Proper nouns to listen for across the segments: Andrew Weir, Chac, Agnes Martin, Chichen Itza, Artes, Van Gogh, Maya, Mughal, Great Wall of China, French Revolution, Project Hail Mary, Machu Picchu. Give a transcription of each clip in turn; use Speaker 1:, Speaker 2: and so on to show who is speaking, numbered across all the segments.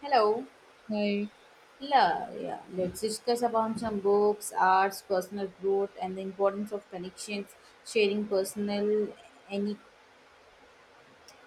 Speaker 1: Hello.
Speaker 2: Hi.
Speaker 1: Yeah, yeah. Let's discuss about some books, arts, personal growth, and the importance of connections, sharing personal any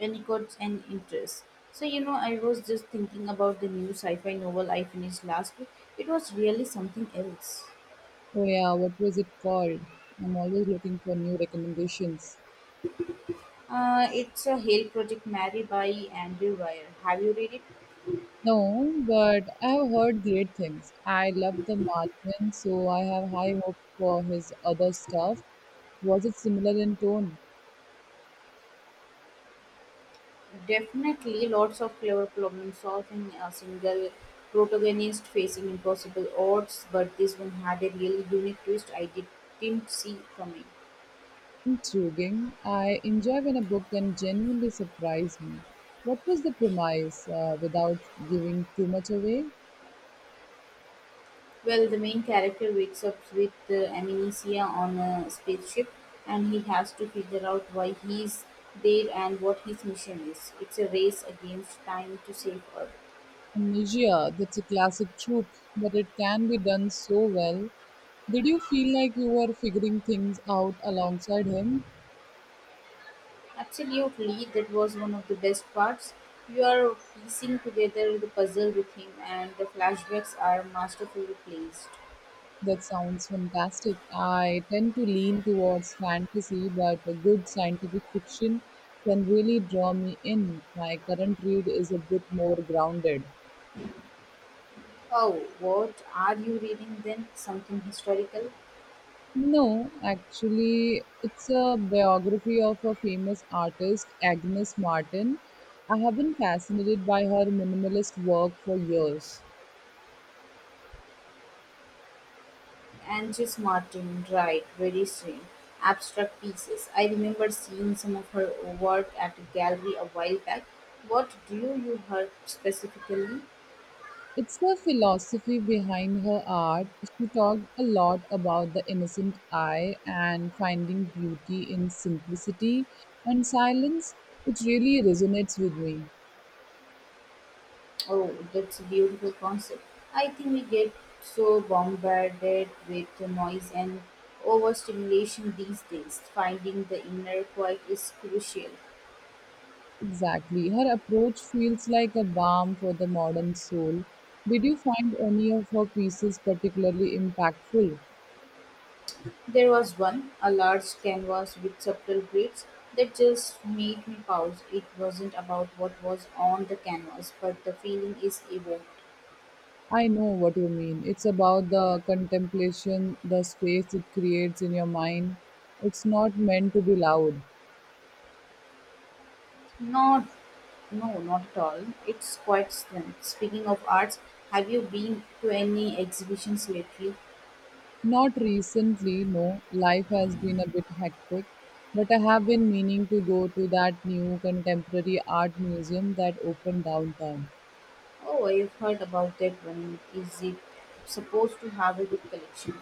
Speaker 1: anecdotes and interests. I was just thinking about the new sci-fi novel I finished last week. It was really something else.
Speaker 2: Oh yeah, what was it called? I'm always looking for new recommendations.
Speaker 1: It's a Hail Project Mary by Andrew Weir. Have you read it?
Speaker 2: No, but I have heard great things. I love the Martian, so I have high hopes for his other stuff. Was it similar in tone?
Speaker 1: Definitely lots of clever problem solving, a single protagonist facing impossible odds, but this one had a really unique twist didn't see coming.
Speaker 2: Intriguing. I enjoy when a book can genuinely surprise me. What was the premise, without giving too much away?
Speaker 1: Well, the main character wakes up with amnesia on a spaceship, and he has to figure out why he's there and what his mission is. It's a race against time to save Earth.
Speaker 2: Amnesia, that's a classic trope, but it can be done so well. Did you feel like you were figuring things out alongside him?
Speaker 1: Absolutely, that was one of the best parts. You are piecing together the puzzle with him, and the flashbacks are masterfully placed.
Speaker 2: That sounds fantastic. I tend to lean towards fantasy, but a good scientific fiction can really draw me in. My current read is a bit more grounded.
Speaker 1: Oh, what are you reading then? Something historical?
Speaker 2: No, actually, it's a biography of a famous artist, Agnes Martin. I have been fascinated by her minimalist work for years.
Speaker 1: Angus Martin, right, very strange. Abstract pieces. I remember seeing some of her work at a gallery a while back. What drew you her specifically?
Speaker 2: It's the philosophy behind her art. She talked a lot about the innocent eye and finding beauty in simplicity and silence. It really resonates with me.
Speaker 1: Oh, that's a beautiful concept. I think we get so bombarded with the noise and overstimulation these days. Finding the inner quiet is crucial.
Speaker 2: Exactly. Her approach feels like a balm for the modern soul. Did you find any of her pieces particularly impactful?
Speaker 1: There was one, a large canvas with subtle grids that just made me pause. It wasn't about what was on the canvas, but the feeling is evoked.
Speaker 2: I know what you mean. It's about the contemplation, the space it creates in your mind. It's not meant to be loud.
Speaker 1: Not, No, not at all. It's quite strange. Speaking of arts, have you been to any exhibitions lately?
Speaker 2: Not recently, no. Life has been a bit hectic, but I have been meaning to go to that new contemporary art museum that opened downtown.
Speaker 1: Oh, I've heard about that one. Is it supposed to have a good collection?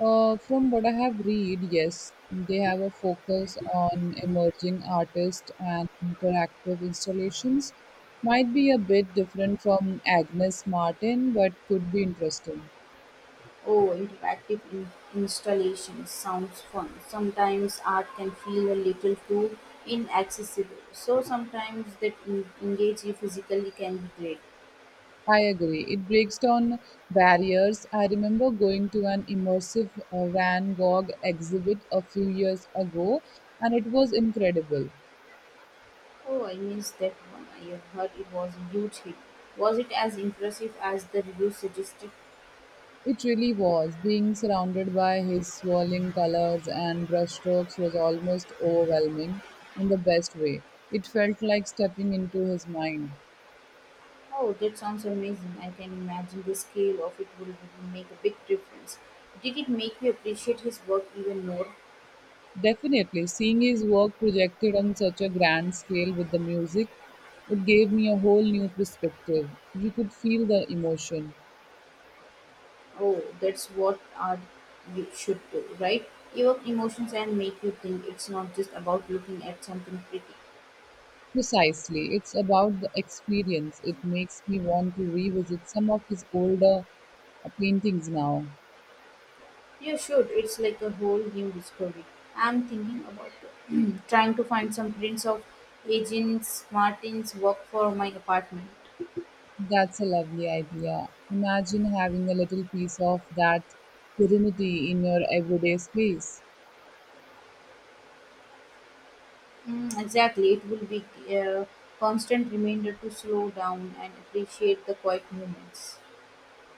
Speaker 2: From what I have read, yes, they have a focus on emerging artists and interactive installations. Might be a bit different from Agnes Martin, but could be interesting.
Speaker 1: Oh, interactive installations sounds fun. Sometimes art can feel a little too inaccessible, so sometimes that engage you physically can be great.
Speaker 2: I agree. It breaks down barriers. I remember going to an immersive Van Gogh exhibit a few years ago, and it was incredible.
Speaker 1: Oh, I missed that one. I have heard it was a huge hit. Was it as impressive as the reviews suggested?
Speaker 2: It really was. Being surrounded by his swirling colors and brushstrokes was almost overwhelming in the best way. It felt like stepping into his mind.
Speaker 1: Oh, that sounds amazing. I can imagine the scale of it will make a big difference. Did it make you appreciate his work even more?
Speaker 2: Definitely, seeing his work projected on such a grand scale with the music, it gave me a whole new perspective. You could feel the emotion.
Speaker 1: Oh, that's what art you should do, right? Evoke emotions and make you think. It's not just about looking at something pretty.
Speaker 2: Precisely. It's about the experience. It makes me want to revisit some of his older paintings now.
Speaker 1: You should. It's like a whole new discovery. I'm thinking about trying to find some prints of agents Martin's work for my apartment.
Speaker 2: That's a lovely idea. Imagine having a little piece of that serenity in your everyday space
Speaker 1: Mm, exactly. It will be a constant reminder to slow down and appreciate the quiet moments.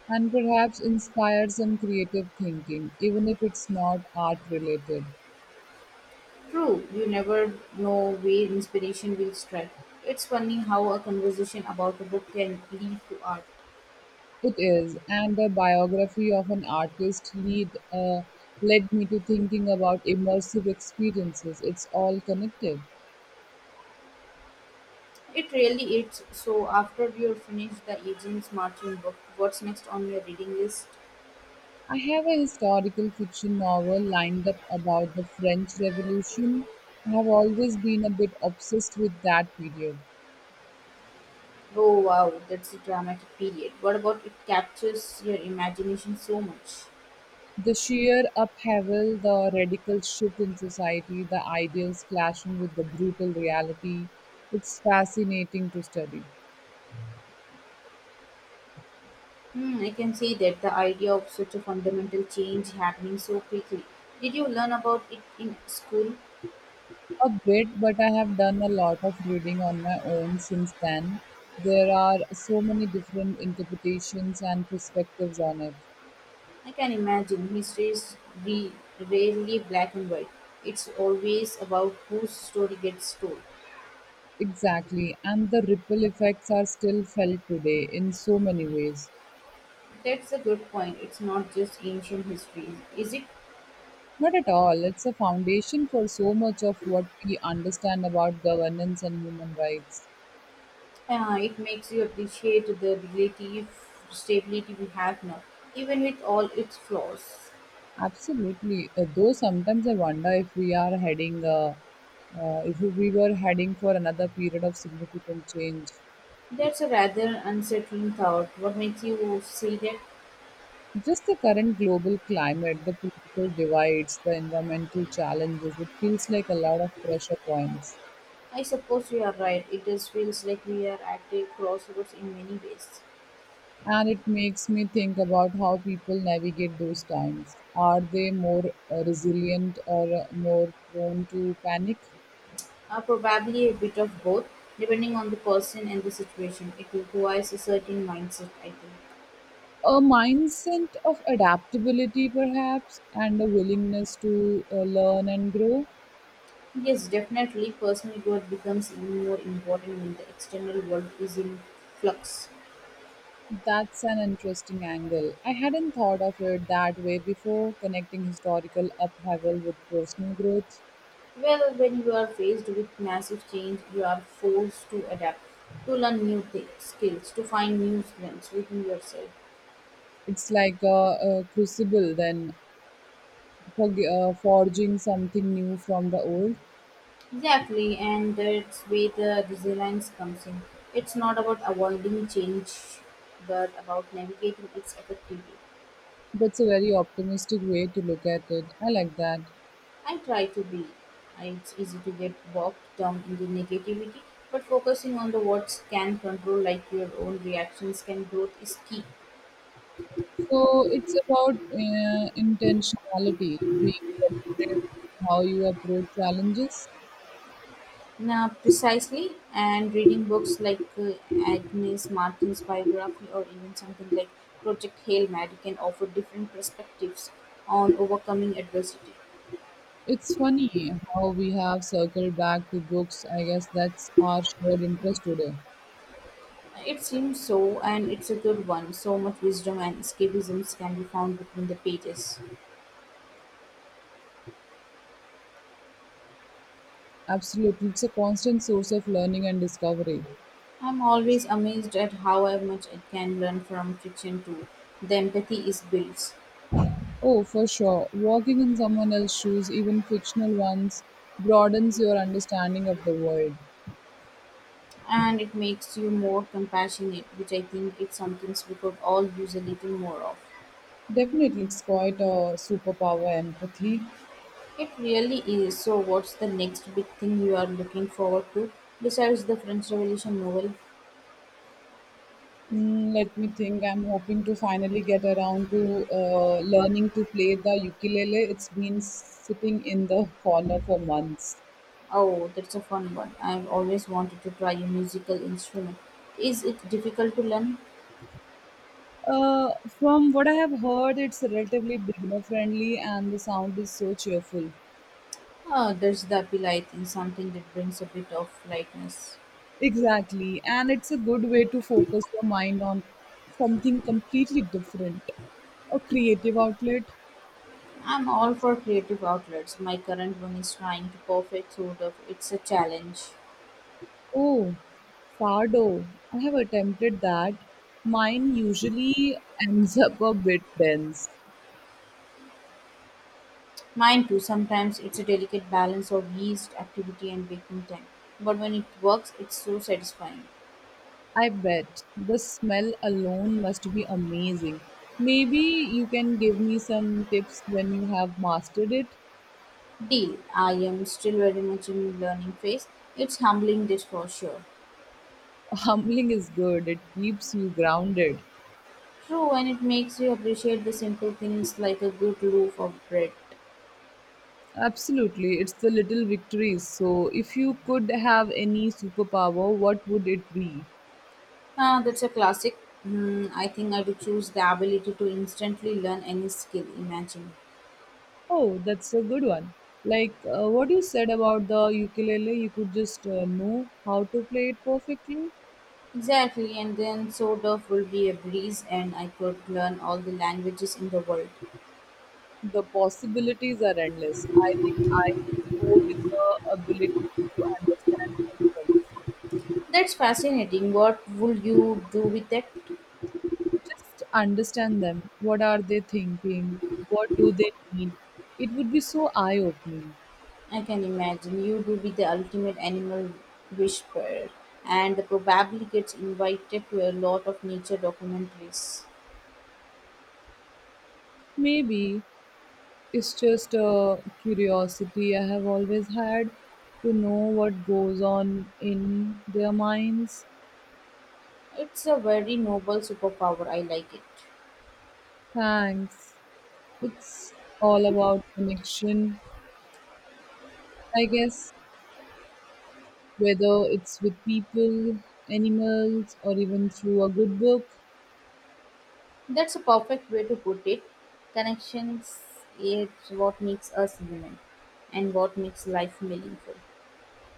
Speaker 2: and perhaps inspire some creative thinking, even if it's not art related.
Speaker 1: True, you never know where inspiration will strike. It's funny how a conversation about a book can lead to art.
Speaker 2: It is, and the biography of an artist lead led me to thinking about immersive experiences. It's all connected.
Speaker 1: It really is. So, after you finish the Agents Martin book, what's next on your reading list?
Speaker 2: I have a historical fiction novel lined up about the French Revolution. I have always been a bit obsessed with that period.
Speaker 1: Oh, wow, that's a dramatic period. What about it captures your imagination so much?
Speaker 2: The sheer upheaval, the radical shift in society, the ideals clashing with the brutal reality. It's fascinating to study.
Speaker 1: Hmm, I can see that, the idea of such a fundamental change happening so quickly. Did you learn about it in school?
Speaker 2: A bit, but I have done a lot of reading on my own since then. There are so many different interpretations and perspectives on it.
Speaker 1: I can imagine history is re- rarely black and white. It's always about whose story gets told.
Speaker 2: Exactly, and the ripple effects are still felt today in so many ways.
Speaker 1: That's a good point. It's not just ancient history, is it?
Speaker 2: Not at all, it's a foundation for so much of what we understand about governance and human rights.
Speaker 1: It makes you appreciate the relative stability we have now, even with all its flaws.
Speaker 2: Absolutely. Though sometimes I wonder if we are if we were heading for another period of significant change.
Speaker 1: That's a rather unsettling thought. What makes you say that?
Speaker 2: Just the current global climate, the political divides, the environmental challenges, it feels like a lot of pressure points.
Speaker 1: I suppose you are right. It just feels like we are at a crossroads in many ways.
Speaker 2: And it makes me think about how people navigate those times. Are they more resilient or more prone to panic?
Speaker 1: Probably a bit of both, depending on the person and the situation. It requires a certain mindset, I think.
Speaker 2: A mindset of adaptability, perhaps, and a willingness to learn and grow.
Speaker 1: Yes, definitely, personal growth becomes even more important when the external world is in flux.
Speaker 2: That's an interesting angle. I hadn't thought of it that way before, connecting historical upheaval with personal growth.
Speaker 1: Well, when you are faced with massive change, you are forced to adapt, to learn new skills, to find new strengths within yourself.
Speaker 2: It's like a crucible, then, for, forging something new from the old.
Speaker 1: Exactly, and that's where the resilience comes in. It's not about avoiding change, but about navigating it effectively.
Speaker 2: That's a very optimistic way to look at it. I like that.
Speaker 1: I try to be. It's easy to get bogged down in the negativity, but focusing on the what can control, like your own reactions, can growth is key.
Speaker 2: So it's about intentionality, being deliberate in how you approach challenges.
Speaker 1: Now, precisely, and reading books like Agnes Martin's biography or even something like Project Hail Mary can offer different perspectives on overcoming adversity.
Speaker 2: It's funny how we have circled back to books. I guess that's our shared interest today.
Speaker 1: It seems so, and it's a good one. So much wisdom and escapisms can be found between the pages.
Speaker 2: Absolutely. It's a constant source of learning and discovery.
Speaker 1: I'm always amazed at how I much I can learn from fiction too. The empathy is built,
Speaker 2: Oh, for sure. Walking in someone else's shoes, even fictional ones, broadens your understanding of the world.
Speaker 1: and it makes you more compassionate, which I think is something we could all use a little more of.
Speaker 2: Definitely, it's quite a superpower empathy.
Speaker 1: It really is. So, what's the next big thing you are looking forward to besides the French Revolution novel?
Speaker 2: Mm, let me think. I'm hoping to finally get around to learning to play the ukulele. It's been sitting in the corner for months.
Speaker 1: Oh, that's a fun one. I've always wanted to try a musical instrument. Is it difficult to learn?
Speaker 2: Uh, from what I have heard, it's relatively beginner friendly and the sound is so cheerful.
Speaker 1: Ah, there's the appeal, I think, something that brings a bit of lightness.
Speaker 2: Exactly. And it's a good way to focus your mind on something completely different. A creative outlet.
Speaker 1: I'm all for creative outlets. My current one is trying to perfect sort of it's a challenge.
Speaker 2: Oh, Sardo. I have attempted that. Mine usually ends up a bit dense.
Speaker 1: Mine too, sometimes it's a delicate balance of yeast activity and baking time. But when it works, it's so satisfying.
Speaker 2: I bet the smell alone must be amazing. Maybe you can give me some tips when you have mastered it.
Speaker 1: Deal. I am still very much in learning phase. It's humbling this for sure.
Speaker 2: Humbling is good, it keeps you grounded.
Speaker 1: True, and it makes you appreciate the simple things like a good loaf of bread.
Speaker 2: Absolutely, it's the little victories. So, if you could have any superpower, what would it be?
Speaker 1: Ah, that's a classic. Hmm, I think I'd choose the ability to instantly learn any skill. Imagine.
Speaker 2: Oh, that's a good one. Like what you said about the ukulele, you could just know how to play it perfectly.
Speaker 1: Exactly, and then sort of will be a breeze, and I could learn all the languages in the world.
Speaker 2: The possibilities are endless. I think I do go with the ability to understand animals.
Speaker 1: That's fascinating. What would you do with it?
Speaker 2: Just understand them. What are they thinking? What do they need? It would be so eye opening.
Speaker 1: I can imagine you would be the ultimate animal whisperer, and probably gets invited to a lot of nature documentaries.
Speaker 2: Maybe it's just a curiosity I have always had to know what goes on in their minds.
Speaker 1: It's a very noble superpower. I like it.
Speaker 2: Thanks. It's all about connection, I guess, whether it's with people, animals, or even through a good book.
Speaker 1: That's a perfect way to put it. Connections is what makes us human, and what makes life meaningful.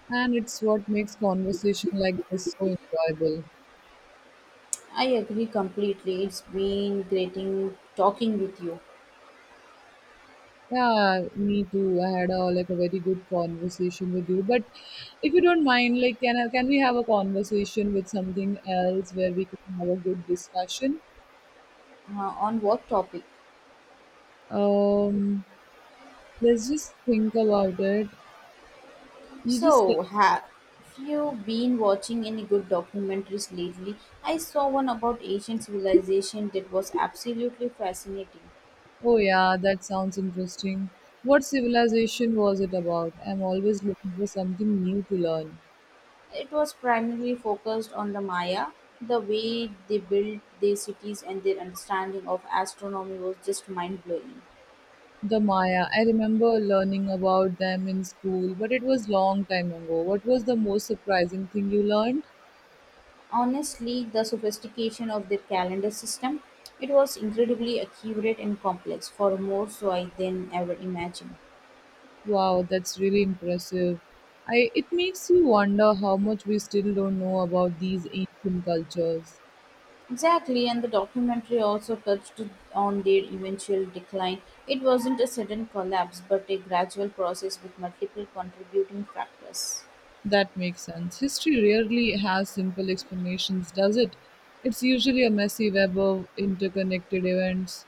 Speaker 2: And it's what makes conversation like this so enjoyable.
Speaker 1: I agree completely. It's been great in talking with you.
Speaker 2: Yeah, me too. I had a very good conversation with you. But if you don't mind, can we have a conversation with something else where we can have a good discussion?
Speaker 1: On what topic?
Speaker 2: Um, let's just think about it. You just said,
Speaker 1: So, have you been watching any good documentaries lately? I saw one about ancient civilization that was absolutely fascinating.
Speaker 2: oh yeah, that sounds interesting. What civilization was it about? I'm always looking for something new to learn.
Speaker 1: It was primarily focused on the Maya. The way they built their cities and their understanding of astronomy was just mind blowing.
Speaker 2: The Maya. I remember learning about them in school, but it was long time ago. What was the most surprising thing you learned?
Speaker 1: Honestly, the sophistication of their calendar system, it was incredibly accurate and complex, for more so I than ever imagined.
Speaker 2: Wow, that's really impressive. I It makes you wonder how much we still don't know about these ancient cultures.
Speaker 1: Exactly, and the documentary also touched on their eventual decline. It wasn't a sudden collapse, but a gradual process with multiple contributing factors.
Speaker 2: That makes sense. History rarely has simple explanations, does it? It's usually a messy web of interconnected events.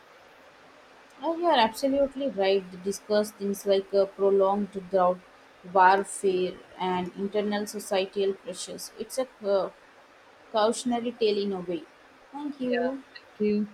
Speaker 1: Oh, you are absolutely right. They discuss things like a prolonged drought, warfare, and internal societal pressures. It's a cautionary tale in a way. Thank
Speaker 2: Yeah,
Speaker 1: you.
Speaker 2: thank you.